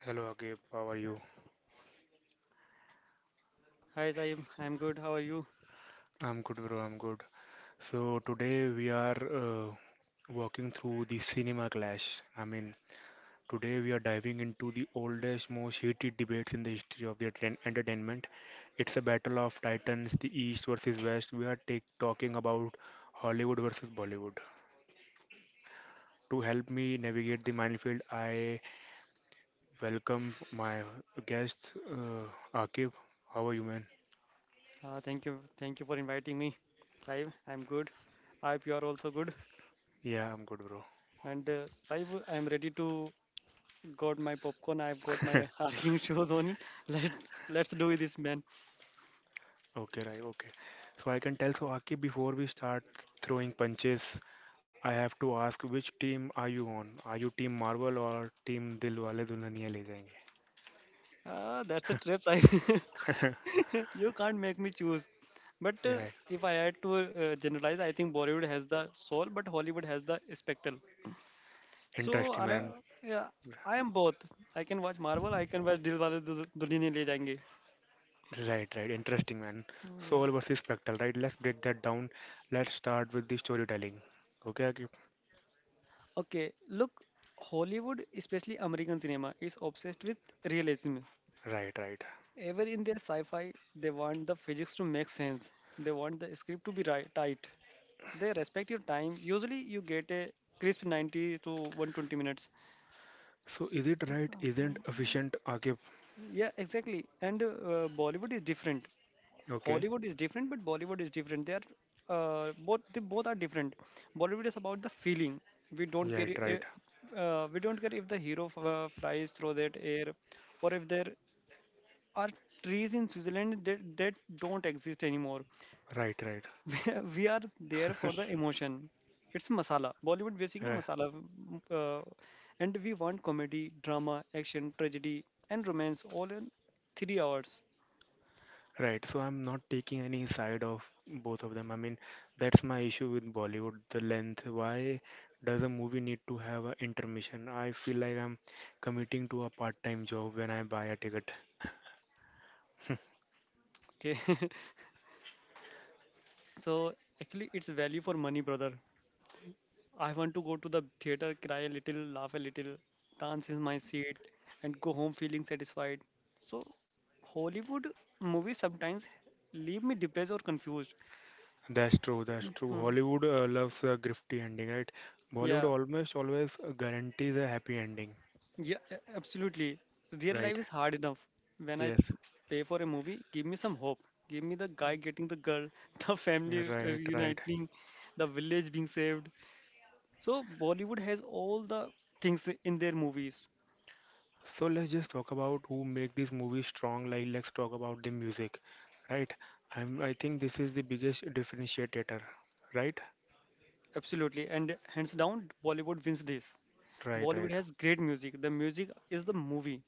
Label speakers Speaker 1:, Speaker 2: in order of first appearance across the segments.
Speaker 1: Hello Agib, how are you?
Speaker 2: Hi Saib, I'm good. How are you?
Speaker 1: I'm good, bro. I'm good. So today we are walking through the cinema clash. I mean, today we are diving into the oldest, most heated debates in the history of the entertainment. It's a battle of titans, the East versus West. We are talking about Hollywood versus Bollywood. To help me navigate the minefield, I welcome my guest, Akib. How are you, man?
Speaker 2: Thank you for inviting me. Saib, I'm good. I hope you are also good.
Speaker 1: Yeah, I'm good, bro.
Speaker 2: And Saib, I'm ready to got my popcorn. I've got my arguing shows on it. Let's do this, man.
Speaker 1: Okay, right. Okay. So I can tell. So Akib, before we start throwing punches, I have to ask which team are you on? Are you Team Marvel or Team Dilwale Dulhaniya Le Jayenge?
Speaker 2: That's a trip, Saib. You can't make me choose. But
Speaker 1: Right.
Speaker 2: if I had to generalize, I think Bollywood has the soul, but Hollywood has the spectacle. So
Speaker 1: Interesting, man.
Speaker 2: yeah, I am both. I can watch Marvel. I can watch Dilwale Dulhania Le Jayenge.
Speaker 1: Right. Interesting, man.
Speaker 2: Mm. Yeah.
Speaker 1: Soul versus spectral, right? Let's break that down. Let's start with the storytelling. Okay, Akib.
Speaker 2: Okay, look, Hollywood, especially American cinema, is obsessed with realism.
Speaker 1: Right.
Speaker 2: Ever in their sci-fi, they want the physics to make sense. They want the script to be right, tight. They respect your time. Usually, you get a crisp 90 to 120 minutes.
Speaker 1: So is it right? Isn't efficient, Akib?
Speaker 2: Yeah, exactly. And Bollywood is different.
Speaker 1: Okay.
Speaker 2: Hollywood is different, but Bollywood is different. They are both. They both are different. Bollywood is about the feeling. We don't
Speaker 1: Yeah,
Speaker 2: care.
Speaker 1: right.
Speaker 2: We don't care if the hero flies through that air, or if there are trees in Switzerland that don't exist anymore.
Speaker 1: Right.
Speaker 2: We are there for the emotion. It's masala. Bollywood basically
Speaker 1: Right.
Speaker 2: masala, m- uh, and we want comedy, drama, action, tragedy, and romance all in 3 hours.
Speaker 1: Right, so I'm not taking any side of both of them. I mean, that's my issue with Bollywood, the length. Why does a movie need to have an intermission? I feel like I'm committing to a part-time job when I buy a ticket.
Speaker 2: Okay. So actually, it's value for money, brother. I want to go to the theater, cry a little, laugh a little, dance in my seat, and go home feeling satisfied. So Hollywood movies sometimes leave me depressed or confused.
Speaker 1: That's true.
Speaker 2: Mhm.
Speaker 1: Hollywood loves a grifty ending, right? Bollywood
Speaker 2: Yeah,
Speaker 1: almost always guarantees a happy ending,
Speaker 2: yeah, absolutely. Real
Speaker 1: right?
Speaker 2: life is hard enough. When I
Speaker 1: Yes,
Speaker 2: pay for a movie, give me some hope. Give me the guy getting the girl, the family
Speaker 1: right.
Speaker 2: reuniting, the village being saved. So Bollywood has all the things in their movies.
Speaker 1: So let's just talk about who make this movie strong. Like let's talk about the music, right? I think this is the biggest differentiator, right?
Speaker 2: Absolutely, and hands down, Bollywood wins this.
Speaker 1: Right,
Speaker 2: Bollywood
Speaker 1: right,
Speaker 2: has great music. The music is the movie,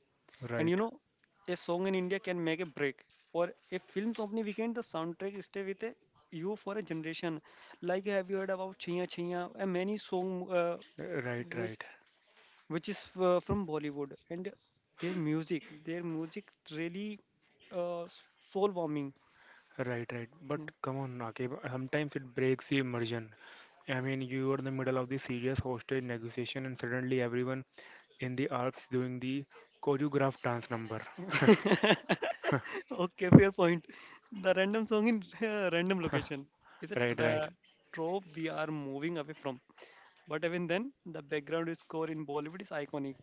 Speaker 2: and
Speaker 1: right,
Speaker 2: a song in India can make a break. Or a film's opening weekend, the soundtrack stay with you for a generation. Like have you heard about Chhiya Chhiya? And many song
Speaker 1: Uh, right,
Speaker 2: which
Speaker 1: right,
Speaker 2: is from Bollywood, and their music really uh, soul warming.
Speaker 1: right. But come on, Akib, sometimes it breaks the immersion. I mean, you are in the middle of the serious hostage negotiation, and suddenly everyone in the Alps doing the choreographed dance number.
Speaker 2: Okay, fair point. The random song in random location is a
Speaker 1: Right, right,
Speaker 2: trope we are moving away from. But even then, the background score in Bollywood is iconic,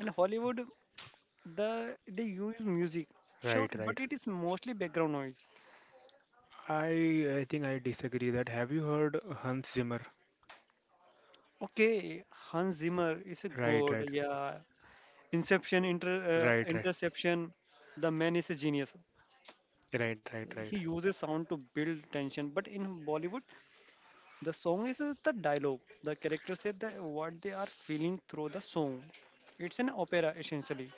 Speaker 2: and Hollywood, they use music, sure,
Speaker 1: right,
Speaker 2: but
Speaker 1: right.
Speaker 2: it is mostly background noise.
Speaker 1: I think I disagree that. Have you heard Hans Zimmer?
Speaker 2: Okay, Hans Zimmer is a
Speaker 1: Right,
Speaker 2: god.
Speaker 1: right,
Speaker 2: Yeah, Inception,
Speaker 1: right, right,
Speaker 2: Interception, the man is a genius.
Speaker 1: right, right, right,
Speaker 2: He uses sound to build tension, but in Bollywood, the song is the dialogue. The characters say that what they are feeling through the song. It's an opera essentially.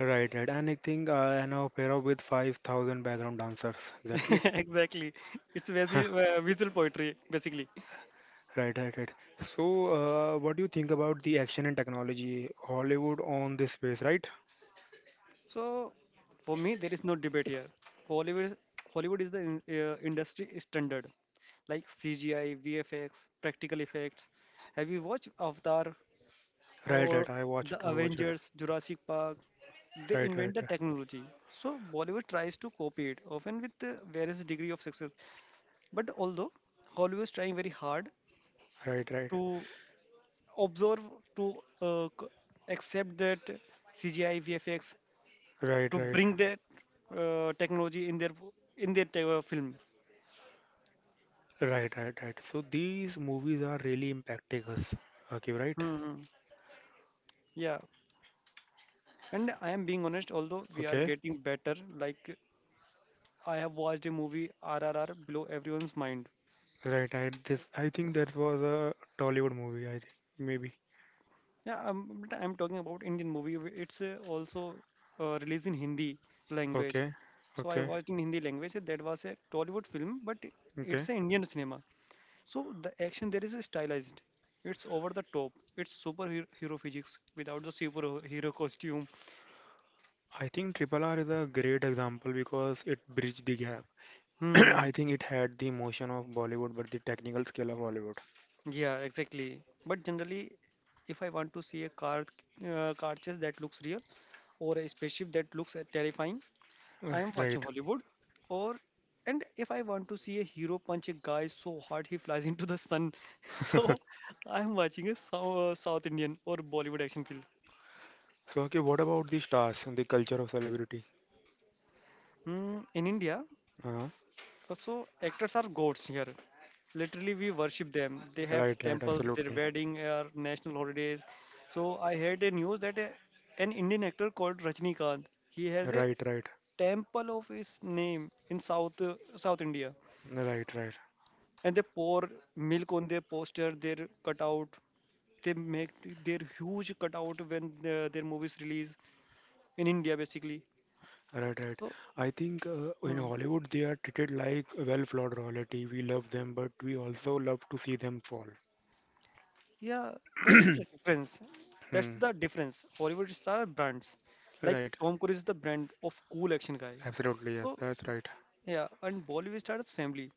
Speaker 1: right, right. And I think I know pair up with 5,000 background dancers. Exactly.
Speaker 2: Exactly. It's visual poetry basically.
Speaker 1: Right. So, what do you think about the action and technology? Hollywood on this space, right?
Speaker 2: So for me, there is no debate here. Hollywood, Hollywood is the industry standard, like CGI, VFX, practical effects. Have you watched Avatar
Speaker 1: Right,
Speaker 2: or
Speaker 1: right. I watch
Speaker 2: the
Speaker 1: it. I watch it.
Speaker 2: Avengers, Jurassic Park? They
Speaker 1: Right, right,
Speaker 2: invent the technology. So Bollywood tries to copy it, often with various degree of success. But although Hollywood is trying very hard
Speaker 1: right, right, right,
Speaker 2: to observe, to uh, c- accept that CGI, VFX,
Speaker 1: right,
Speaker 2: to
Speaker 1: right,
Speaker 2: bring that technology in their in their film.
Speaker 1: right, right. right. So these movies are really impacting us. Okay, right?
Speaker 2: Hmm. Yeah, and I am being honest. Although we are
Speaker 1: Okay.
Speaker 2: getting better, like I have watched a movie RRR below everyone's mind.
Speaker 1: Right. This I think that was a Tollywood movie. I think maybe.
Speaker 2: Yeah, but I'm talking about Indian movie. It's also released in Hindi language.
Speaker 1: Okay,
Speaker 2: So I
Speaker 1: okay.
Speaker 2: watched in Hindi language. And that was a Tollywood film, but it's
Speaker 1: Okay.
Speaker 2: an Indian cinema. So the action there is stylized. It's over the top. It's superhero hero physics without the superhero costume.
Speaker 1: I think Triple R is a great example because it bridged the gap.
Speaker 2: Mm-hmm.
Speaker 1: I think it had the motion of Bollywood but the technical skill of Hollywood.
Speaker 2: Yeah, exactly. But generally, if I want to see a car chase that looks real or a spaceship that looks terrifying, I am watching
Speaker 1: Right.
Speaker 2: Hollywood, or and if I want to see a hero punch a guy so hard he flies into the sun, so I am watching a South Indian or Bollywood action film.
Speaker 1: So, okay, what about the stars and the culture of celebrity?
Speaker 2: Mm, in India,
Speaker 1: Uh,
Speaker 2: so actors are gods here. Literally, we worship them. They have
Speaker 1: right, right,
Speaker 2: temples, their
Speaker 1: absolutely.
Speaker 2: wedding, are national holidays. So I heard a news that an Indian actor called Rajnikant, he has
Speaker 1: Right,
Speaker 2: a
Speaker 1: right, right,
Speaker 2: temple of his name in South India.
Speaker 1: right,
Speaker 2: And they pour milk on their poster, their cutout. They make their huge cutout when their movies release in India, basically.
Speaker 1: right.
Speaker 2: So,
Speaker 1: I think in
Speaker 2: mm,
Speaker 1: Hollywood they are treated like well-flawed royalty. We love them, but we also love to see them fall.
Speaker 2: yeah, that's the difference. That's
Speaker 1: Hmm.
Speaker 2: the difference. Hollywood star brands, like
Speaker 1: Right,
Speaker 2: Tom Cruise is the brand of cool action guy.
Speaker 1: absolutely, yes,
Speaker 2: So,
Speaker 1: that's right.
Speaker 2: yeah, and Bollywood stars family.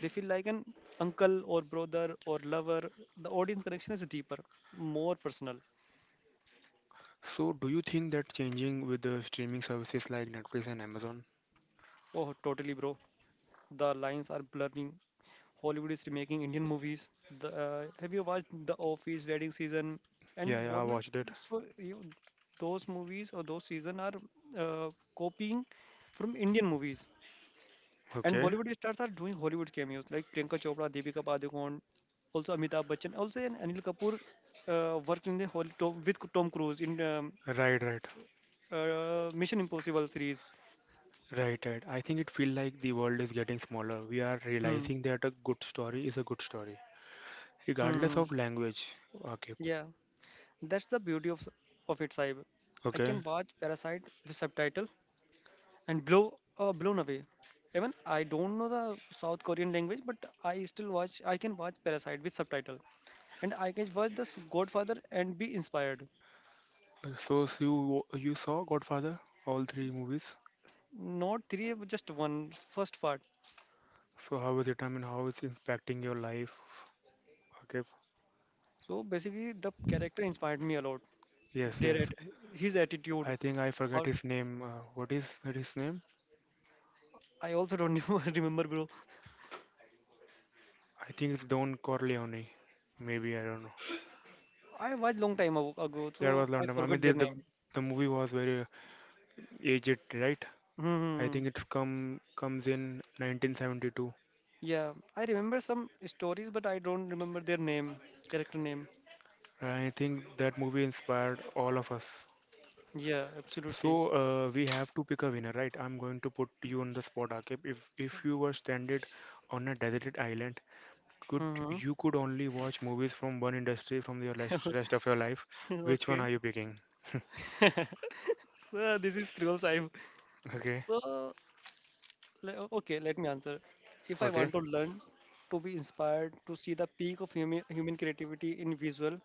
Speaker 2: They feel like an uncle or brother or lover. The audience connection is deeper, more personal.
Speaker 1: So, do you think that changing with the streaming services like Netflix and Amazon?
Speaker 2: Oh, totally, bro. The lines are blurring. Hollywood is remaking Indian movies. Have you watched The Office, Wedding Season, and
Speaker 1: Yeah, yeah, I
Speaker 2: Bollywood?
Speaker 1: watched it.
Speaker 2: So you, those movies or those season are uh, copying from Indian movies, and
Speaker 1: Okay.
Speaker 2: Bollywood stars are doing Hollywood cameos like Priyanka Chopra, Deepika Padukone, also Amitabh Bachchan, also and Anil Kapoor worked in the whole Tom, with Tom Cruise in
Speaker 1: Right.
Speaker 2: Mission Impossible series.
Speaker 1: Right. I think it feels like the world is getting smaller. We are
Speaker 2: Hmm.
Speaker 1: realizing that a good story is a good story, regardless
Speaker 2: Hmm.
Speaker 1: of language. Okay.
Speaker 2: Yeah. That's the beauty of it, Saib. I
Speaker 1: Okay.
Speaker 2: can watch Parasite with subtitle and blown away. Even I don't know the South Korean language, but I still watch. I can watch Parasite with subtitle, and I can watch the Godfather and be inspired.
Speaker 1: So, so you saw Godfather, all three movies.
Speaker 2: Not three, but just one first part.
Speaker 1: So how is it? I mean, how it's impacting your life? Okay.
Speaker 2: So basically, the character inspired me a lot.
Speaker 1: Yes,
Speaker 2: Their
Speaker 1: yes.
Speaker 2: at his attitude.
Speaker 1: I think I forget
Speaker 2: How
Speaker 1: his name. What is that his name?
Speaker 2: I also don't remember, bro.
Speaker 1: I think it's Don Corleone. Maybe I don't know.
Speaker 2: I watched long time ago,
Speaker 1: That
Speaker 2: so
Speaker 1: was
Speaker 2: I
Speaker 1: London. I mean,
Speaker 2: forgot their
Speaker 1: the, the
Speaker 2: name.
Speaker 1: the movie was very aged, right?
Speaker 2: Hmm. Hmm,
Speaker 1: I
Speaker 2: hmm.
Speaker 1: think it's comes in 1972.
Speaker 2: Yeah, I remember some stories, but I don't remember their name, character name.
Speaker 1: I think that movie inspired all of us.
Speaker 2: Yeah,
Speaker 1: So
Speaker 2: absolutely.
Speaker 1: we have to pick a winner, right? I'm going to put you on the spot, Akib. If you were stranded on a deserted island, could
Speaker 2: Mm-hmm.
Speaker 1: could only watch movies from one industry from your rest of your life? Which one
Speaker 2: Okay,
Speaker 1: are you picking?
Speaker 2: so this is cruel side.
Speaker 1: Okay,
Speaker 2: So, okay, let me answer. If I
Speaker 1: okay,
Speaker 2: want to learn to be inspired to see the peak of human creativity in visual,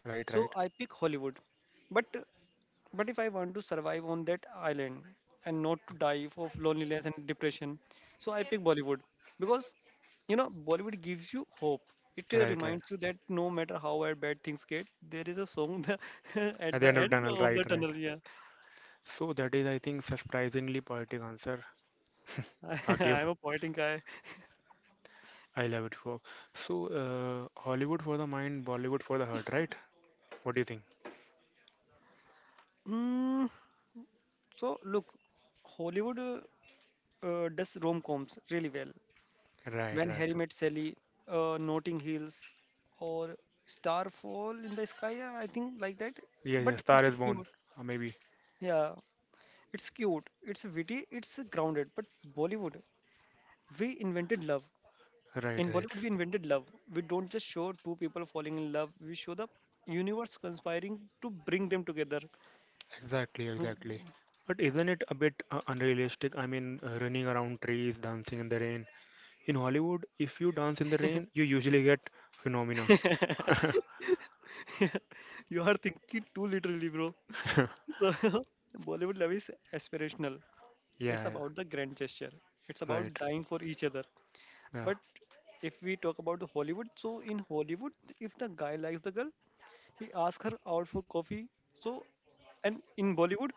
Speaker 1: right,
Speaker 2: so
Speaker 1: right,
Speaker 2: I pick Hollywood. But But if I want to survive on that island and not to die of loneliness and depression, so I pick Bollywood because you know Bollywood gives you hope. It
Speaker 1: right.
Speaker 2: reminds you that no matter how bad things get, there is a song that-
Speaker 1: At
Speaker 2: at
Speaker 1: the
Speaker 2: the
Speaker 1: end of
Speaker 2: end
Speaker 1: tunnel,
Speaker 2: of the
Speaker 1: right.
Speaker 2: tunnel. Yeah,
Speaker 1: So that is, I think, surprisingly poetic answer. I
Speaker 2: I'm
Speaker 1: give.
Speaker 2: a poetic guy.
Speaker 1: I love it for. So Hollywood for the mind, Bollywood for the heart, right? What do you think?
Speaker 2: Mm, so look, Hollywood does rom coms really well.
Speaker 1: Right,
Speaker 2: When
Speaker 1: right.
Speaker 2: Harry Met Sally, Notting Hills, or Starfall in the Sky, yeah, I think like that.
Speaker 1: Yes.
Speaker 2: But
Speaker 1: Star
Speaker 2: it's a
Speaker 1: is born.
Speaker 2: cute.
Speaker 1: Maybe.
Speaker 2: Yeah, it's cute. It's witty. It's grounded. But Bollywood, we invented love.
Speaker 1: Right,
Speaker 2: In
Speaker 1: right.
Speaker 2: Bollywood, we invented love. We don't just show two people falling in love. We show the universe conspiring to bring them together.
Speaker 1: Exactly, exactly. But isn't it a bit unrealistic? I mean, running around trees, dancing in the rain. In Hollywood, if you dance in the rain, you usually get phenomena.
Speaker 2: You are thinking too literally, bro. So Bollywood love is aspirational.
Speaker 1: Yeah,
Speaker 2: It's
Speaker 1: yeah.
Speaker 2: about the grand gesture. It's about
Speaker 1: Right.
Speaker 2: dying for each other.
Speaker 1: Yeah.
Speaker 2: But if we talk about the Hollywood, so in Hollywood, if the guy likes the girl, he asks her out for coffee. So, and in Bollywood,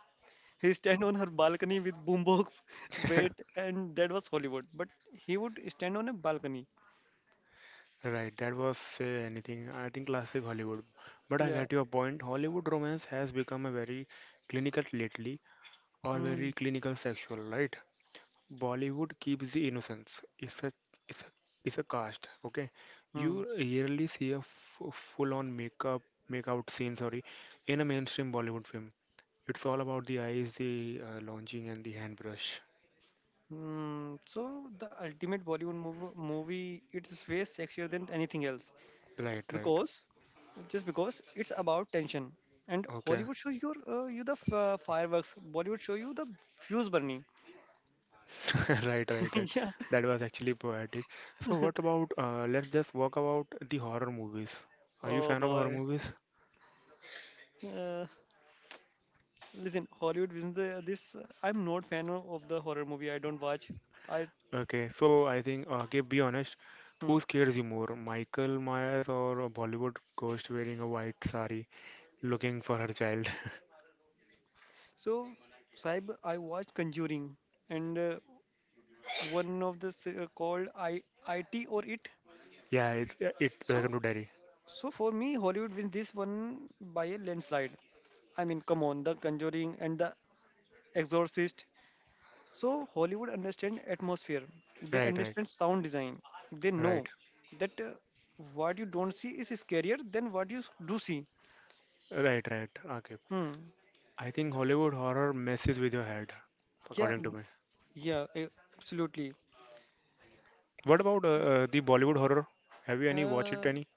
Speaker 2: he stand on her balcony with boombox, wait, and that was Hollywood. But he would stand on a balcony.
Speaker 1: Right, that was say anything. I think classic Hollywood. But I
Speaker 2: Yeah.
Speaker 1: get your point. Hollywood romance has become a very clinical lately or very
Speaker 2: Hmm.
Speaker 1: clinical sexual, right? Bollywood keeps the innocence. It's a it's a it's a cast, okay?
Speaker 2: Hmm.
Speaker 1: You rarely see a f full on makeup make out scene, sorry, in a mainstream Bollywood film. It's all about the eyes, the lunging and the hand brush.
Speaker 2: Hmm. So the ultimate Bollywood movie, it's way sexier than anything else,
Speaker 1: Right.
Speaker 2: because just because it's about tension, and
Speaker 1: Okay.
Speaker 2: Hollywood shows you fireworks. Bollywood show you the fuse burning.
Speaker 1: Right.
Speaker 2: Yeah,
Speaker 1: That was actually poetic. So what about let's just walk about the horror movies. Are you
Speaker 2: oh
Speaker 1: fan of horror
Speaker 2: boy.
Speaker 1: movies?
Speaker 2: uh, Listen, Hollywood isn't the, this I'm not fan of the horror movie. I don't watch. I
Speaker 1: Okay, so I think okay, be honest, who
Speaker 2: Hmm.
Speaker 1: scares you more, Michael Myers or a Bollywood ghost wearing a white sari looking for her child?
Speaker 2: So Saib, I watched Conjuring and one of the called I It or It.
Speaker 1: Yeah, it's yeah, it.
Speaker 2: So
Speaker 1: Welcome to Derry.
Speaker 2: so for me, Hollywood wins this one by a landslide. I mean come on, the Conjuring and the Exorcist. So Hollywood understand atmosphere. They
Speaker 1: Right, right,
Speaker 2: understand sound design. They know
Speaker 1: right,
Speaker 2: that what you don't see is scarier than what you do see.
Speaker 1: right. Okay,
Speaker 2: Hmm.
Speaker 1: I think Hollywood horror messes with your head,
Speaker 2: Yeah.
Speaker 1: according to me.
Speaker 2: Yeah. Absolutely.
Speaker 1: What about the Bollywood horror? Have you any watched it
Speaker 2: Uh,
Speaker 1: any?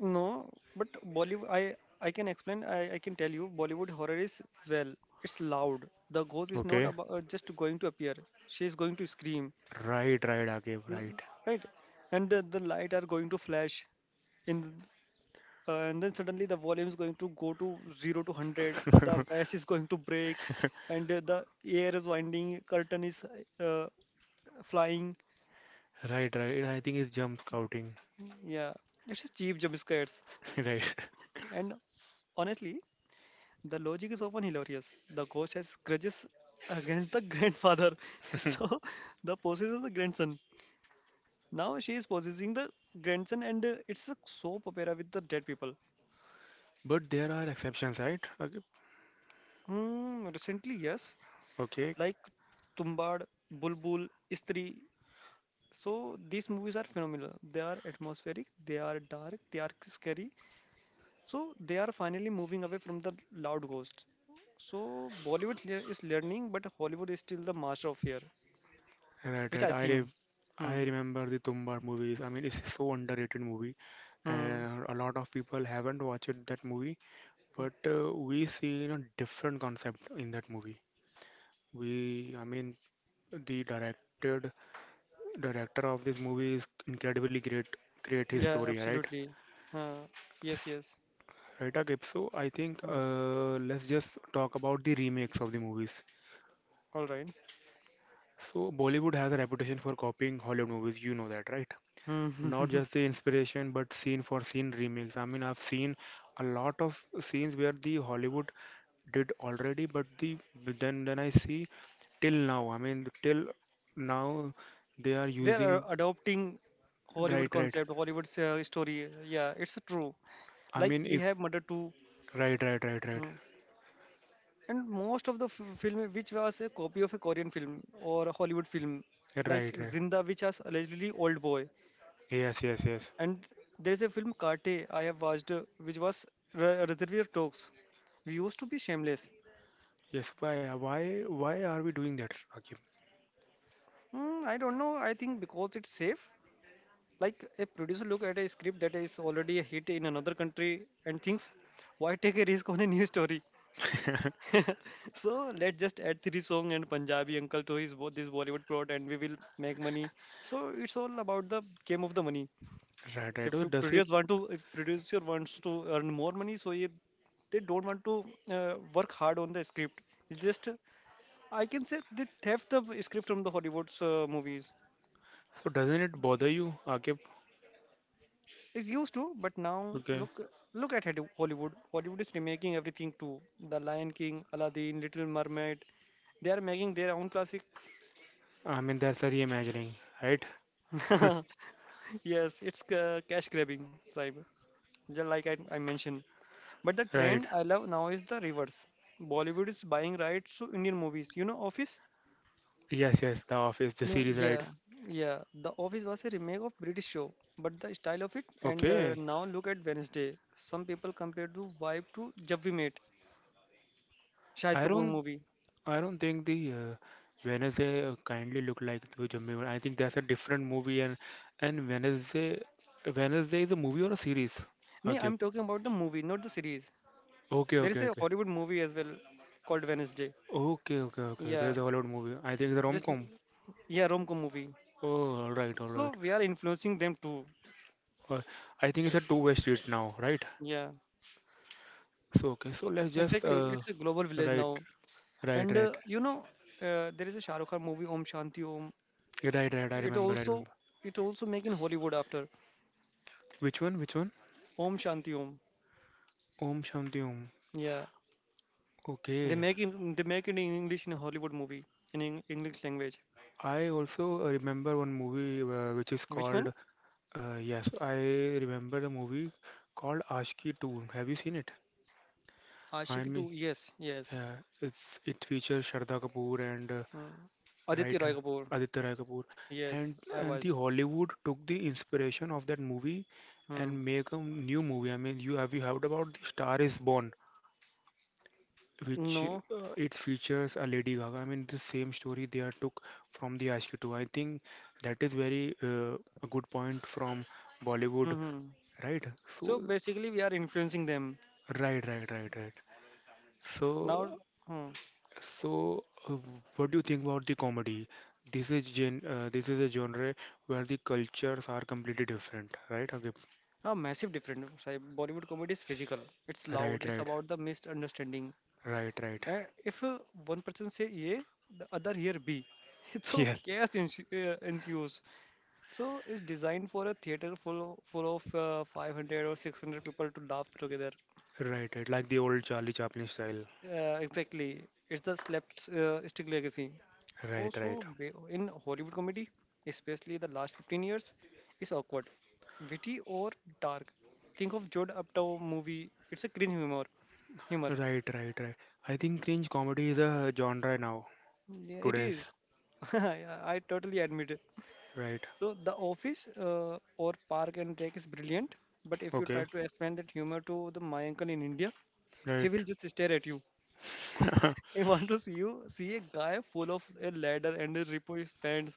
Speaker 2: no, but Bollywood. I can explain. I can tell you. Bollywood horror is well. It's loud. The ghost is not
Speaker 1: Okay.
Speaker 2: about just going to appear. She is going to scream,
Speaker 1: Right, Akib,
Speaker 2: L-
Speaker 1: right.
Speaker 2: right? And the light are going to flash in. And then suddenly the volume is going to go to 0 to 100, the vase is going to break and the air is winding curtain is uh, flying.
Speaker 1: Right. I think it's jump scouting.
Speaker 2: Yeah, it's just cheap jump scares.
Speaker 1: Right.
Speaker 2: And honestly, the logic is often hilarious. The ghost has grudges against the grandfather. So the possesses the grandson. Now she is possessing the grandson, and it's a soap opera with the dead people.
Speaker 1: But there are exceptions, right? Akib?
Speaker 2: Hmm, recently yes,
Speaker 1: Okay.
Speaker 2: like Tumbad, Bulbul, Istri. So these movies are phenomenal. They are atmospheric, they are dark, they are scary. So they are finally moving away from the loud ghost. So Bollywood is learning, but Hollywood is still the master of fear,
Speaker 1: Right,
Speaker 2: which
Speaker 1: right.
Speaker 2: I think.
Speaker 1: I
Speaker 2: Hmm.
Speaker 1: remember the Tumbar movies. I mean, it's so underrated movie.
Speaker 2: Hmm.
Speaker 1: And a lot of people haven't watched that movie but we see a different concept in that movie we I mean the directed director of this movie is incredibly great his
Speaker 2: Yeah,
Speaker 1: story right.
Speaker 2: absolutely. Uh, yes, yes.
Speaker 1: Right, Akib. So I think
Speaker 2: Hmm.
Speaker 1: let's just talk about the remakes of the movies.
Speaker 2: All right.
Speaker 1: So Bollywood has a reputation for copying Hollywood movies. You know that, right?
Speaker 2: Hmm.
Speaker 1: Not just the inspiration, but scene for scene remakes. I mean, I've seen a lot of scenes where the Hollywood did already, but the then I see till now. I mean, till now they are
Speaker 2: They are
Speaker 1: using
Speaker 2: adopting Hollywood
Speaker 1: right, right.
Speaker 2: concept, Hollywood story. Yeah, it's true.
Speaker 1: I
Speaker 2: Like
Speaker 1: mean,
Speaker 2: we have
Speaker 1: if
Speaker 2: Murder 2.
Speaker 1: right, right, right, right,
Speaker 2: Hmm. And most of the film which was a copy of a Korean film or a Hollywood film like
Speaker 1: right.
Speaker 2: Zinda, which was allegedly Old Boy.
Speaker 1: Yes.
Speaker 2: And there is a film Karte I have watched which was Reservoir Dogs. We used to be shameless.
Speaker 1: Yes, why, why are we doing that, Akib?
Speaker 2: Hmm, I don't know. I think because it's safe. Like a producer look at a script that is already a hit in another country and thinks, why take a risk on a new story? So let's just add three song and Punjabi uncle to this Bollywood plot, and we will make money. So it's all about the game of the money.
Speaker 1: Right.
Speaker 2: If
Speaker 1: So
Speaker 2: you
Speaker 1: does it,
Speaker 2: producer want to, If producer wants to earn more money, so they don't want to work hard on the script. It's just I can say they theft the script from the Hollywood's movies.
Speaker 1: so doesn't it bother you, Akib?
Speaker 2: It's used to, but now
Speaker 1: Okay.
Speaker 2: look at Hollywood. Hollywood is remaking everything too. The Lion King, Aladdin, Little Mermaid. They are making their own classics.
Speaker 1: I mean, that's a reimagining, right?
Speaker 2: Yes, it's cash grabbing, Saib, just like I mentioned. But the
Speaker 1: Right.
Speaker 2: trend I love now is the reverse. Bollywood is buying rights to Indian movies. You know, Office?
Speaker 1: Yes, The Office, the
Speaker 2: No,
Speaker 1: series,
Speaker 2: yeah,
Speaker 1: right?
Speaker 2: yeah. The Office was a remake of British show, but the style of it. And
Speaker 1: Okay.
Speaker 2: Now look at Wednesday. Some people compare the vibe to Jab We Met, Shahid
Speaker 1: I
Speaker 2: Kapoor
Speaker 1: don't,
Speaker 2: movie.
Speaker 1: I don't think the Wednesday kindly look like the Jammu. One. I think that's a different movie, and Wednesday, Wednesday is a movie or a series?
Speaker 2: No,
Speaker 1: Okay.
Speaker 2: I'm talking about the movie, not the series.
Speaker 1: Okay,
Speaker 2: There is
Speaker 1: okay,
Speaker 2: a
Speaker 1: okay.
Speaker 2: Hollywood movie as well called Wednesday.
Speaker 1: Okay.
Speaker 2: Yeah,
Speaker 1: There's a Hollywood movie. I think it's a
Speaker 2: just
Speaker 1: rom-com.
Speaker 2: yeah, rom-com movie.
Speaker 1: Oh, all
Speaker 2: So
Speaker 1: right.
Speaker 2: we are influencing them too.
Speaker 1: Uh, I think it's a two-way street now, right?
Speaker 2: Yeah,
Speaker 1: So okay, so let's just
Speaker 2: exactly. It's a global village
Speaker 1: right,
Speaker 2: now.
Speaker 1: right,
Speaker 2: And
Speaker 1: right,
Speaker 2: uh, you know, there is a Shah Rukh Khan movie Om Shanti Om.
Speaker 1: right.
Speaker 2: It
Speaker 1: I
Speaker 2: also
Speaker 1: remember.
Speaker 2: it also make in Hollywood after
Speaker 1: Which one? Which one?
Speaker 2: Om Shanti Om.
Speaker 1: Om Shanti Om.
Speaker 2: Yeah,
Speaker 1: Okay.
Speaker 2: they make it in English in a Hollywood movie in English language.
Speaker 1: I also remember one movie which is
Speaker 2: Which one?
Speaker 1: called. Yes, I remember a movie called Ashki 2. Have you seen it? I
Speaker 2: Ashiki
Speaker 1: mean,
Speaker 2: 2. Yes, yes.
Speaker 1: yeah, it's it features Shraddha Kapoor and
Speaker 2: Mm. Aditya Roy
Speaker 1: writer
Speaker 2: Kapoor.
Speaker 1: Aditya Rai Kapoor, and
Speaker 2: Yes, I
Speaker 1: the
Speaker 2: watched.
Speaker 1: Hollywood took the inspiration of that movie
Speaker 2: Hmm.
Speaker 1: and make a new movie. I mean, you have you heard about the Star is Born, which
Speaker 2: No.
Speaker 1: it features a Lady Gaga. I mean, the same story they are took from the Ashki 2. I think that is very a good point from Bollywood,
Speaker 2: Hmm.
Speaker 1: right?
Speaker 2: So
Speaker 1: So,
Speaker 2: basically, we are influencing them
Speaker 1: right.
Speaker 2: now.
Speaker 1: So
Speaker 2: Hmm.
Speaker 1: So, what do you think about the comedy? This is gen this is a genre where the cultures are completely different, right? Okay.
Speaker 2: A massive difference. Sai. Bollywood comedy is physical. It's loud.
Speaker 1: Right,
Speaker 2: It's
Speaker 1: right,
Speaker 2: about the misunderstanding.
Speaker 1: right.
Speaker 2: Uh, if one person say A, the other hear B, so
Speaker 1: Yes,
Speaker 2: chaos ensues. So it's designed for a theater full of 500 or 600 people to laugh together.
Speaker 1: right. Like the old Charlie Chaplin style.
Speaker 2: Exactly. It's the slapped stick legacy.
Speaker 1: Right, right,
Speaker 2: In Hollywood comedy, especially the last 15 years, is awkward, witty or dark. Think of Judd Apatow movie. It's a cringe humor.
Speaker 1: right. I think cringe comedy is a genre now,
Speaker 2: Yeah, it is.
Speaker 1: today's.
Speaker 2: Yeah, I totally admit it.
Speaker 1: Right.
Speaker 2: So the office or park and take is brilliant, but if you try
Speaker 1: Okay.
Speaker 2: to explain that humor to the my uncle in India, he
Speaker 1: Right.
Speaker 2: will just stare at you. He want to see you see a guy full of a ladder and a repo his pants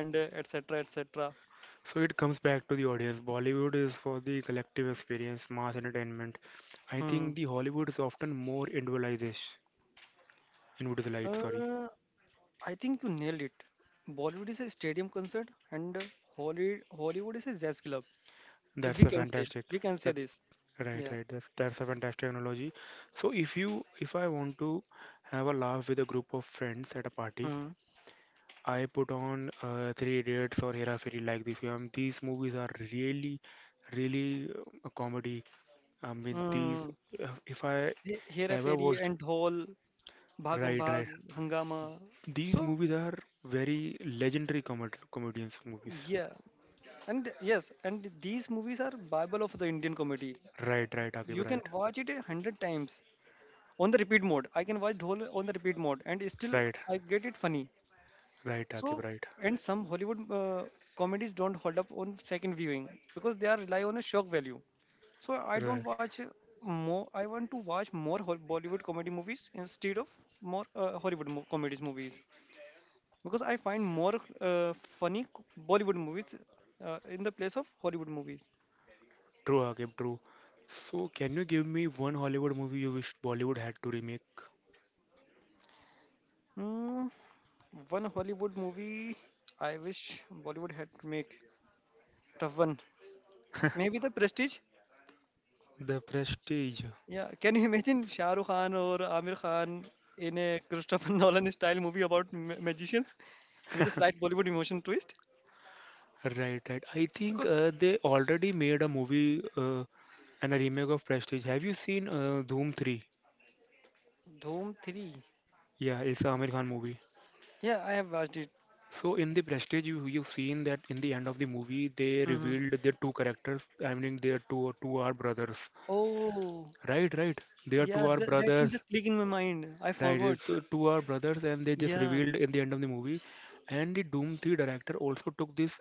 Speaker 2: and etc etc.
Speaker 1: So it comes back to the audience. Bollywood is for the collective experience, mass entertainment. I
Speaker 2: Hmm.
Speaker 1: think the Hollywood is often more individualization Invisible light, sorry.
Speaker 2: Uh, I think you nailed it. Bollywood is a stadium concert and Hollywood is a jazz club. If
Speaker 1: That's
Speaker 2: we
Speaker 1: a
Speaker 2: can say,
Speaker 1: fantastic.
Speaker 2: we can say
Speaker 1: That
Speaker 2: this.
Speaker 1: right,
Speaker 2: Yeah.
Speaker 1: right. That's a fantastic analogy. So if you if I want to have a laugh with a group of friends at a party,
Speaker 2: Hmm.
Speaker 1: I put on Three Idiots or Hera Fairy like this. These movies are really, really a comedy. I
Speaker 2: Hmm.
Speaker 1: mean, these
Speaker 2: hmm.
Speaker 1: if I
Speaker 2: hey
Speaker 1: ever
Speaker 2: fairy
Speaker 1: watched,
Speaker 2: and Dhol, Bhagam
Speaker 1: right,
Speaker 2: Bhag,
Speaker 1: right.
Speaker 2: Hangama.
Speaker 1: These
Speaker 2: So
Speaker 1: movies are very legendary comedy comedians movies.
Speaker 2: yeah, and yes, and these movies are Bible of the Indian comedy.
Speaker 1: Right,
Speaker 2: You
Speaker 1: Akib,
Speaker 2: can watch it 100 times on the repeat mode. I can watch Dhol on the repeat mode, and still
Speaker 1: right,
Speaker 2: I get it funny.
Speaker 1: right, Akib,
Speaker 2: So
Speaker 1: right,
Speaker 2: and some Hollywood comedies don't hold up on second viewing because they are rely on a shock value. So I don't
Speaker 1: right.
Speaker 2: watch more. I want to watch more Bollywood comedy movies instead of more Hollywood comedies movies. Because I find more uh, funny Bollywood movies in the place of Hollywood movies.
Speaker 1: True, Akib, true. So, can you give me one Hollywood movie you wish Bollywood had to remake?
Speaker 2: Hmm, one Hollywood movie I wish Bollywood had to make tough one. Maybe The Prestige.
Speaker 1: The Prestige.
Speaker 2: Yeah, can you imagine Shah Rukh Khan or Amir Khan in a Christopher Nolan style movie about magicians with a slight Bollywood emotion twist?
Speaker 1: Right. I think
Speaker 2: Because
Speaker 1: they already made a movie and a remake of Prestige. Have you seen Dhoom 3?
Speaker 2: Dome 3.
Speaker 1: Yeah, it's a Amir Khan movie.
Speaker 2: Yeah, I have watched it.
Speaker 1: So in the Prestige, you you've seen that in the end of the movie, they
Speaker 2: Mhm.
Speaker 1: revealed their two characters. I mean, their two are brothers.
Speaker 2: Oh,
Speaker 1: Right. They are two
Speaker 2: yeah,
Speaker 1: are
Speaker 2: that scene
Speaker 1: brothers.
Speaker 2: just clicked in my mind. I
Speaker 1: Right,
Speaker 2: forgot.
Speaker 1: it's two are brothers, and they just
Speaker 2: Yeah.
Speaker 1: revealed in the end of the movie. And the Doom 3 director also took this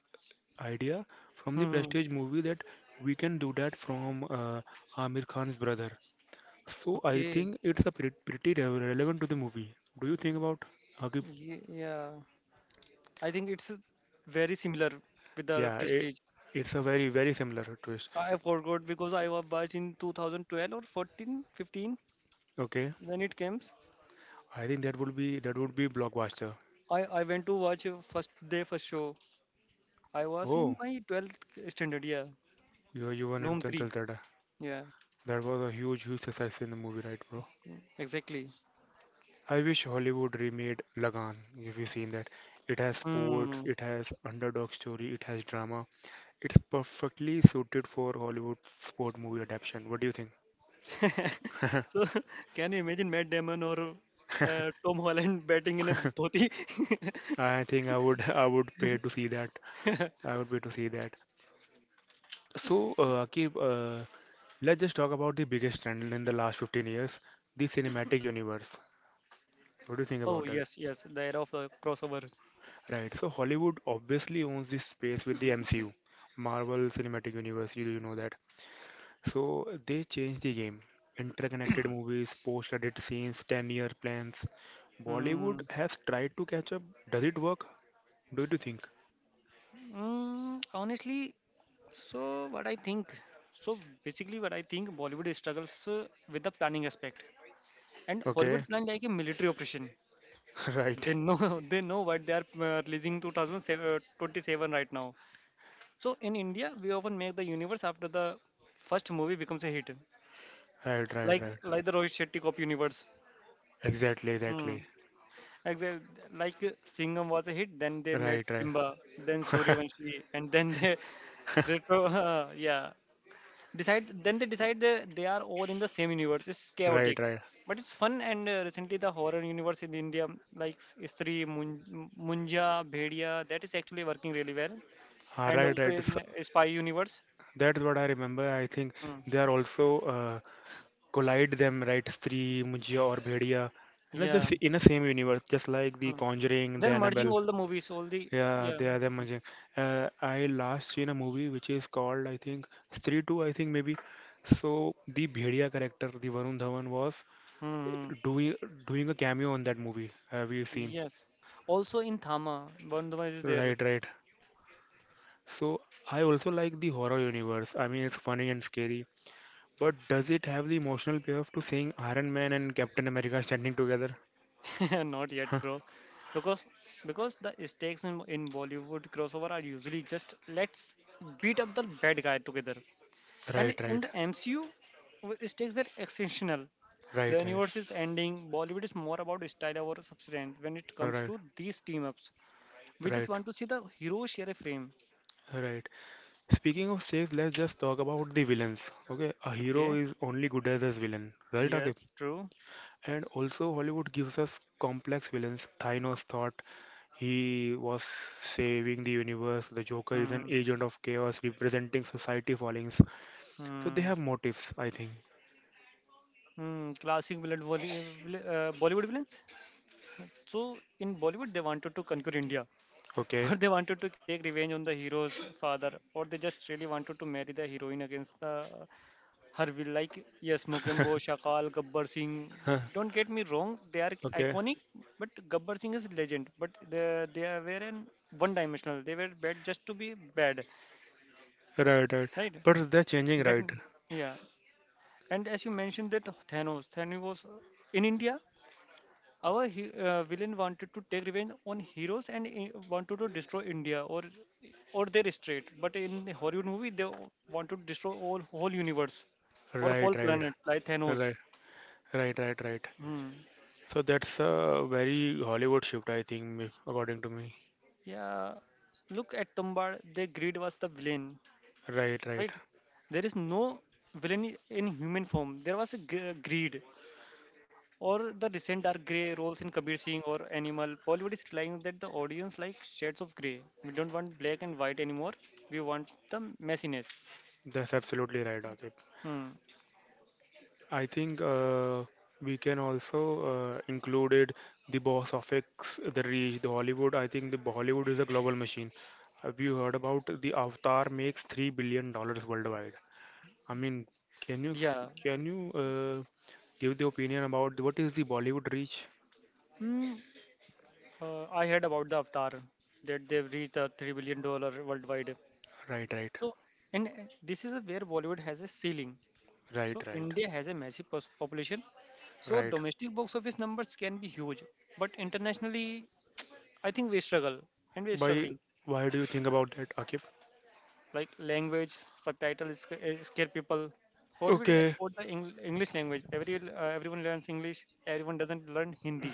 Speaker 1: idea from the
Speaker 2: Hmm.
Speaker 1: Prestige movie that we can do that from Amir Khan's brother. So I
Speaker 2: Okay.
Speaker 1: think it's a relevant to the movie. Do you think about Agib?
Speaker 2: Yeah. I think it's very similar with The
Speaker 1: Yeah, it,
Speaker 2: Prestige.
Speaker 1: it's a very very similar twist.
Speaker 2: I forgot because I was watched in 2012 or 14, 15
Speaker 1: Okay,
Speaker 2: when it comes.
Speaker 1: I think that would be blockbuster.
Speaker 2: I went to watch first day first show. I was in
Speaker 1: Oh,
Speaker 2: my 12th standard. Yeah.
Speaker 1: you were in
Speaker 2: Room 3.
Speaker 1: Tantaltada.
Speaker 2: Yeah.
Speaker 1: That was a huge huge success in the movie, right, bro?
Speaker 2: Exactly.
Speaker 1: I wish Hollywood remade Lagan. If you've seen that, it has sports,
Speaker 2: Hmm.
Speaker 1: it has underdog story, it has drama. It's perfectly suited for Hollywood sport movie adaptation. What do you think?
Speaker 2: So can you imagine Matt Damon or Tom Holland batting in a dhoti?
Speaker 1: I think I would pay to see that. I would pay to see that. So, Akib, let's just talk about the biggest trend in the last 15 years, the cinematic universe. What do you think
Speaker 2: Oh
Speaker 1: about that?
Speaker 2: yes, yes. The era of the crossover.
Speaker 1: Right. So Hollywood obviously owns this space with the MCU, Marvel Cinematic Universe. You know that. So they changed the game. Interconnected movies, post-credit scenes, 10-year plans.
Speaker 2: Hmm.
Speaker 1: Bollywood has tried to catch up. Does it work? Do you think?
Speaker 2: Mm, honestly, so what I think, so basically what I think, Bollywood struggles with the planning aspect, and
Speaker 1: Okay.
Speaker 2: Hollywood plan like a military operation.
Speaker 1: Right,
Speaker 2: They know they know what they are releasing 2027 right now. So in India, we often make the universe after the first movie becomes a hit,
Speaker 1: right, right,
Speaker 2: like
Speaker 1: right.
Speaker 2: like the Rohit Shetty cop universe.
Speaker 1: Exactly,
Speaker 2: Hmm.
Speaker 1: exactly.
Speaker 2: Exactly. Singham was a hit, then they made
Speaker 1: Right, right.
Speaker 2: Simba, then Suryavanshi, and then they retro. Yeah, decide then they decide they are all in the same universe. It's
Speaker 1: Right,
Speaker 2: chaotic
Speaker 1: right.
Speaker 2: but it's fun. And recently the horror universe in India like Istri, Munja, Bhedia, that is actually working really well.
Speaker 1: Ah,
Speaker 2: And
Speaker 1: right,
Speaker 2: also
Speaker 1: right.
Speaker 2: in
Speaker 1: So
Speaker 2: spy universe.
Speaker 1: that's what I remember. I think
Speaker 2: Hmm.
Speaker 1: they are also collide them, right? Stree, Mujia, or Bhediya. And it's
Speaker 2: Yeah.
Speaker 1: just in the same universe, just like the
Speaker 2: Hmm.
Speaker 1: Conjuring, the
Speaker 2: They're merging
Speaker 1: Annabelle.
Speaker 2: all the movies all the
Speaker 1: Yeah,
Speaker 2: yeah
Speaker 1: they are the Manjang. I last seen a movie which is called, I think, Stree 2, I think maybe. So the Bhediya character, the Varun Dhawan, was
Speaker 2: hmm
Speaker 1: doing doing a cameo on that movie. Have you seen?
Speaker 2: yes also in Thama one is there.
Speaker 1: Right, right. So I also like the horror universe. I mean, it's funny and scary. But does it have the emotional payoff to seeing Iron Man and Captain America standing together?
Speaker 2: Not yet,
Speaker 1: Huh.
Speaker 2: bro. Because because the stakes in Bollywood crossover are usually just let's beat up the bad guy together. And
Speaker 1: Right,
Speaker 2: in
Speaker 1: right,
Speaker 2: the MCU, stakes are exceptional. The
Speaker 1: right, right,
Speaker 2: universe is ending. Bollywood is more about style over substance when it comes
Speaker 1: right,
Speaker 2: to these team ups. We just
Speaker 1: right,
Speaker 2: want to see the hero share a frame.
Speaker 1: right. Speaking of stakes, let's just talk about the villains. Okay, a hero
Speaker 2: Okay.
Speaker 1: is only good as his villain, right, Akib?
Speaker 2: Yes. True.
Speaker 1: And also, Hollywood gives us complex villains. Thanos thought he was saving the universe. The Joker is an
Speaker 2: Hmm.
Speaker 1: agent of chaos representing society fallings. So they
Speaker 2: Hmm.
Speaker 1: have motives, I think.
Speaker 2: Hmm. Classic villain, Bollywood villains. So in Bollywood, they wanted to conquer India.
Speaker 1: Okay.
Speaker 2: Or they wanted to take revenge on the hero's father, or they just really wanted to marry the heroine against her will. Like, yes, Mokembo, Shakal, Gabbar Singh. Don't get me wrong, they are
Speaker 1: Okay.
Speaker 2: iconic, but Gabbar Singh is legend. But were an one-dimensional. They were bad just to be bad,
Speaker 1: Right, right.
Speaker 2: right?
Speaker 1: But they're changing, right?
Speaker 2: Definitely, yeah. And as you mentioned that Thanos, Thanos was in India. Our villain wanted to take revenge on heroes and wanted to destroy India or their state. But in the Hollywood movie, they want to destroy all whole universe or
Speaker 1: Right,
Speaker 2: whole
Speaker 1: right,
Speaker 2: planet like Thanos.
Speaker 1: right, right, right, right.
Speaker 2: Hmm.
Speaker 1: So that's a very Hollywood shift, I think, according to me.
Speaker 2: Yeah, look at Tumbar. Their greed was the villain,
Speaker 1: Right, right.
Speaker 2: right? There is no villain in human form. There was a greed. Or the recent are gray roles in Kabir Singh or Animal. Bollywood is relying that the audience like shades of gray. We don't want black and white anymore. We want the messiness.
Speaker 1: That's absolutely right, Akib.
Speaker 2: Hmm.
Speaker 1: I think we can also included the boss of X, the Reach, the Hollywood. I think the Hollywood is a global machine. Have you heard about the Avatar makes $3 billion worldwide? I mean, can you
Speaker 2: Yeah.
Speaker 1: can you give the opinion about what is the Bollywood reach?
Speaker 2: Hmm. I heard about the Avatar that they've reached the $3 billion worldwide.
Speaker 1: Right, right,
Speaker 2: So, and this is where Bollywood has a ceiling.
Speaker 1: right,
Speaker 2: So
Speaker 1: right,
Speaker 2: India has a massive population. So
Speaker 1: right.
Speaker 2: domestic box office numbers can be huge, but internationally, I think we struggle and we're
Speaker 1: Why
Speaker 2: struggling.
Speaker 1: why do you think about that, Akib?
Speaker 2: Like language subtitles scare people. How we
Speaker 1: Okay,
Speaker 2: export the English language. Every everyone learns English, everyone doesn't learn Hindi.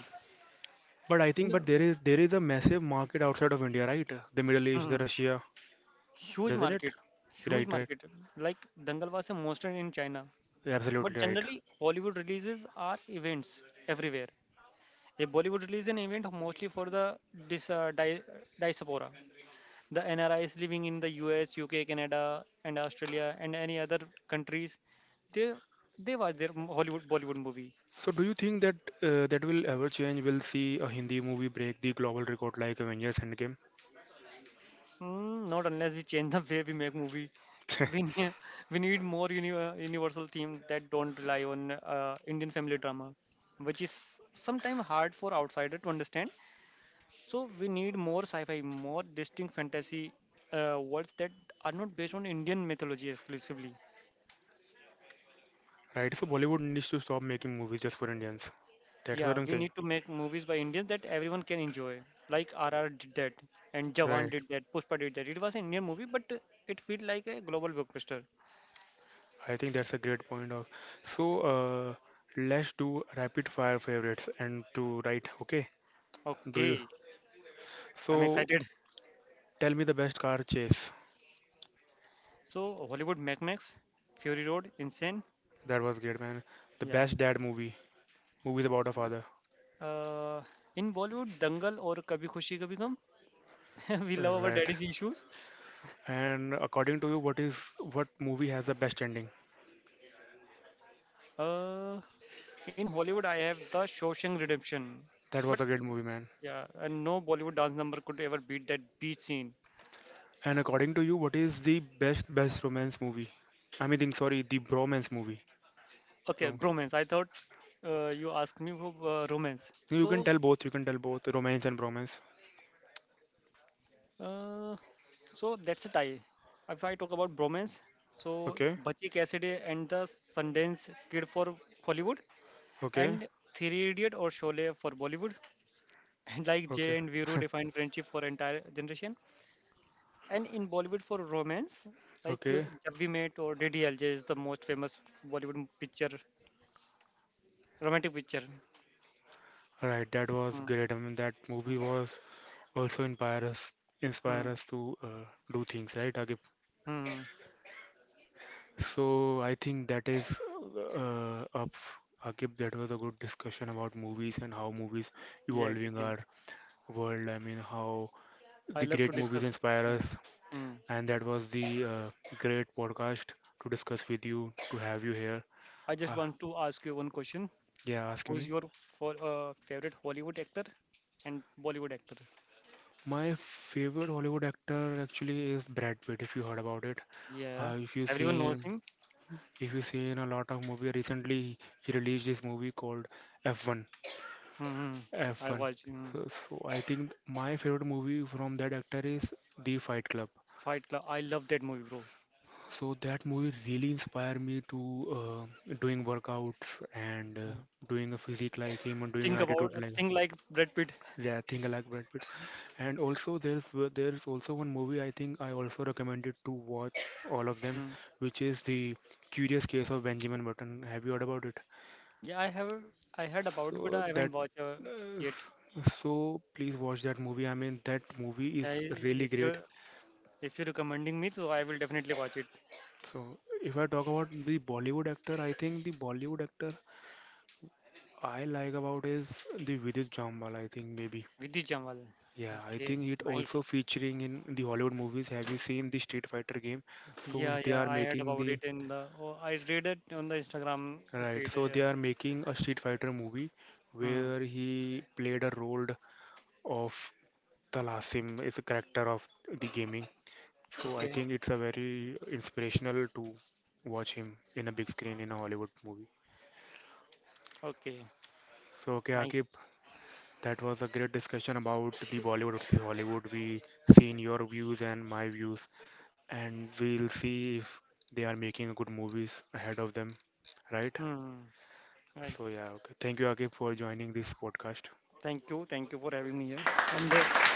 Speaker 1: but I think, but
Speaker 2: No.
Speaker 1: there is a massive market outside of India, right? The Middle East, the
Speaker 2: Mhm.
Speaker 1: Russia,
Speaker 2: Huge
Speaker 1: doesn't it?
Speaker 2: market, huge
Speaker 1: Right, right.
Speaker 2: market. Like Dangal was a monster in China, but
Speaker 1: Absolutely right.
Speaker 2: generally Hollywood releases are events everywhere. A Bollywood release an event mostly for the dis, uh, di- diaspora. The N R is living in the US, UK, Canada, and Australia, and any other countries, they they watch their Hollywood Bollywood movie.
Speaker 1: So do you think that that will ever change? We'll see a Hindi movie break the global record like Avengers Endgame,
Speaker 2: Mm, not unless we change the way we make movie. We need, we need more universal themes that don't rely on Indian family drama, which is sometimes hard for outsider to understand. So we need more sci-fi, more distinct fantasy worlds that are not based on Indian mythology exclusively.
Speaker 1: right? So Bollywood needs to stop making movies just for Indians. That's what
Speaker 2: Yeah,
Speaker 1: I'm
Speaker 2: we
Speaker 1: saying.
Speaker 2: need to make movies by Indians that everyone can enjoy. Like RR did that, and Jawan
Speaker 1: Right.
Speaker 2: did that, Pushpa did that. It was an Indian movie, but it felt like a global blockbuster.
Speaker 1: I think that's a great point of. So let's do rapid fire favorites and to right. Okay. Do you?
Speaker 2: Okay, I'm
Speaker 1: So
Speaker 2: excited.
Speaker 1: tell me the best car chase.
Speaker 2: So Hollywood Mac Max, Fury Road, Insane.
Speaker 1: That was great, man. The
Speaker 2: Yeah.
Speaker 1: best dad movie. Movies about a father.
Speaker 2: Uh, in Bollywood, Dangal or Kabhi Khushi Kabhi Gham. We love our
Speaker 1: Right.
Speaker 2: daddy's issues.
Speaker 1: And according to you, what is what movie has the best ending?
Speaker 2: Uh, in Hollywood, I have the Shawshank Redemption.
Speaker 1: That was
Speaker 2: But
Speaker 1: a great movie, man.
Speaker 2: yeah, and no Bollywood dance number could ever beat that beach scene.
Speaker 1: And according to you, what is the best romance movie? I mean, think, sorry, the bromance movie.
Speaker 2: Okay,
Speaker 1: Bro-
Speaker 2: bromance. I thought you asked me for romance.
Speaker 1: You can tell both. You can tell both romance and bromance.
Speaker 2: Uh, so that's a tie. If I talk about bromance, so
Speaker 1: Okay.
Speaker 2: Bachi Cassidy and the Sundance Kid for Hollywood,
Speaker 1: Okay.
Speaker 2: and Three Idiot or Sholay for Bollywood, and like
Speaker 1: Okay.
Speaker 2: Jay and Viru defined friendship for entire generation, and in Bollywood for romance,
Speaker 1: Okay.
Speaker 2: Jab We Met or DDLJ is the most famous Bollywood picture, romantic picture.
Speaker 1: Right. That was
Speaker 2: Hmm,
Speaker 1: great. I mean, that movie
Speaker 2: hmm,
Speaker 1: was also
Speaker 2: hmm,
Speaker 1: inspire us to do things, right, Agib?
Speaker 2: hmm. Hmm.
Speaker 1: So I think that is up. Akib, that was a good discussion about movies and how movies
Speaker 2: Yeah,
Speaker 1: evolving
Speaker 2: exactly.
Speaker 1: our world. I mean, how
Speaker 2: I
Speaker 1: the
Speaker 2: love to
Speaker 1: great movies
Speaker 2: discuss.
Speaker 1: inspire
Speaker 2: Hmm.
Speaker 1: us.
Speaker 2: Hmm.
Speaker 1: And that was the great podcast to discuss with you, to have you here.
Speaker 2: I just
Speaker 1: Uh,
Speaker 2: want to ask you one question.
Speaker 1: yeah, ask
Speaker 2: Who's
Speaker 1: me.
Speaker 2: your favorite Hollywood actor and Bollywood actor?
Speaker 1: My favorite Hollywood actor actually is Brad Pitt, if you heard about it.
Speaker 2: Yeah,
Speaker 1: Uh, if you've
Speaker 2: everyone knows
Speaker 1: seen,
Speaker 2: him.
Speaker 1: if you've seen a lot of movie recently, he released this movie called F1
Speaker 2: Hmm. I
Speaker 1: F1.
Speaker 2: watch
Speaker 1: So, so I think my favorite movie from that actor is The Fight Club.
Speaker 2: Fight Club. I love that movie, bro.
Speaker 1: So that movie really inspired me to doing workouts and
Speaker 2: Mm.
Speaker 1: doing a physique like him and doing
Speaker 2: Think about
Speaker 1: attitude
Speaker 2: a
Speaker 1: like
Speaker 2: thing like Brad Pitt.
Speaker 1: yeah, thing like Brad Pitt. And also there's there's also one movie I think I also recommended to watch all of them,
Speaker 2: Mm.
Speaker 1: which is the Curious Case of Benjamin Button. Have you heard about it?
Speaker 2: Yeah, I heard about it, but
Speaker 1: So
Speaker 2: I
Speaker 1: that,
Speaker 2: haven't watched
Speaker 1: uh,
Speaker 2: yet.
Speaker 1: so please watch that movie. I mean, that movie is
Speaker 2: I,
Speaker 1: really
Speaker 2: if you
Speaker 1: great.
Speaker 2: if you're recommending me, so I will definitely watch it.
Speaker 1: So if I talk about the Bollywood actor, I think the Bollywood actor I like about is the Vidit Jambal. I think maybe.
Speaker 2: Vidhi Jamal.
Speaker 1: Yeah, I
Speaker 2: Okay,
Speaker 1: think it also
Speaker 2: nice.
Speaker 1: featuring in the Hollywood movies. Have you seen the Street Fighter game? So
Speaker 2: Yeah,
Speaker 1: they
Speaker 2: yeah,
Speaker 1: are
Speaker 2: I heard
Speaker 1: making
Speaker 2: about
Speaker 1: the
Speaker 2: it in the. Oh, I read it on the Instagram
Speaker 1: right.
Speaker 2: feed.
Speaker 1: So
Speaker 2: Yeah.
Speaker 1: they are making a Street Fighter movie
Speaker 2: Hmm.
Speaker 1: where he played a role of Talasim is a character of the gaming. So I
Speaker 2: Okay.
Speaker 1: think it's a very inspirational to watch him in a big screen in a Hollywood movie.
Speaker 2: Okay.
Speaker 1: So okay,
Speaker 2: Nice.
Speaker 1: Akib, that was a great discussion about the Bollywood versus Hollywood. We seen your views and my views, and we'll see if they are making good movies ahead of them, right?
Speaker 2: Hmm. Right.
Speaker 1: So yeah, okay. Thank you, Akib, for joining this podcast.
Speaker 2: Thank you. Thank you for having me here. And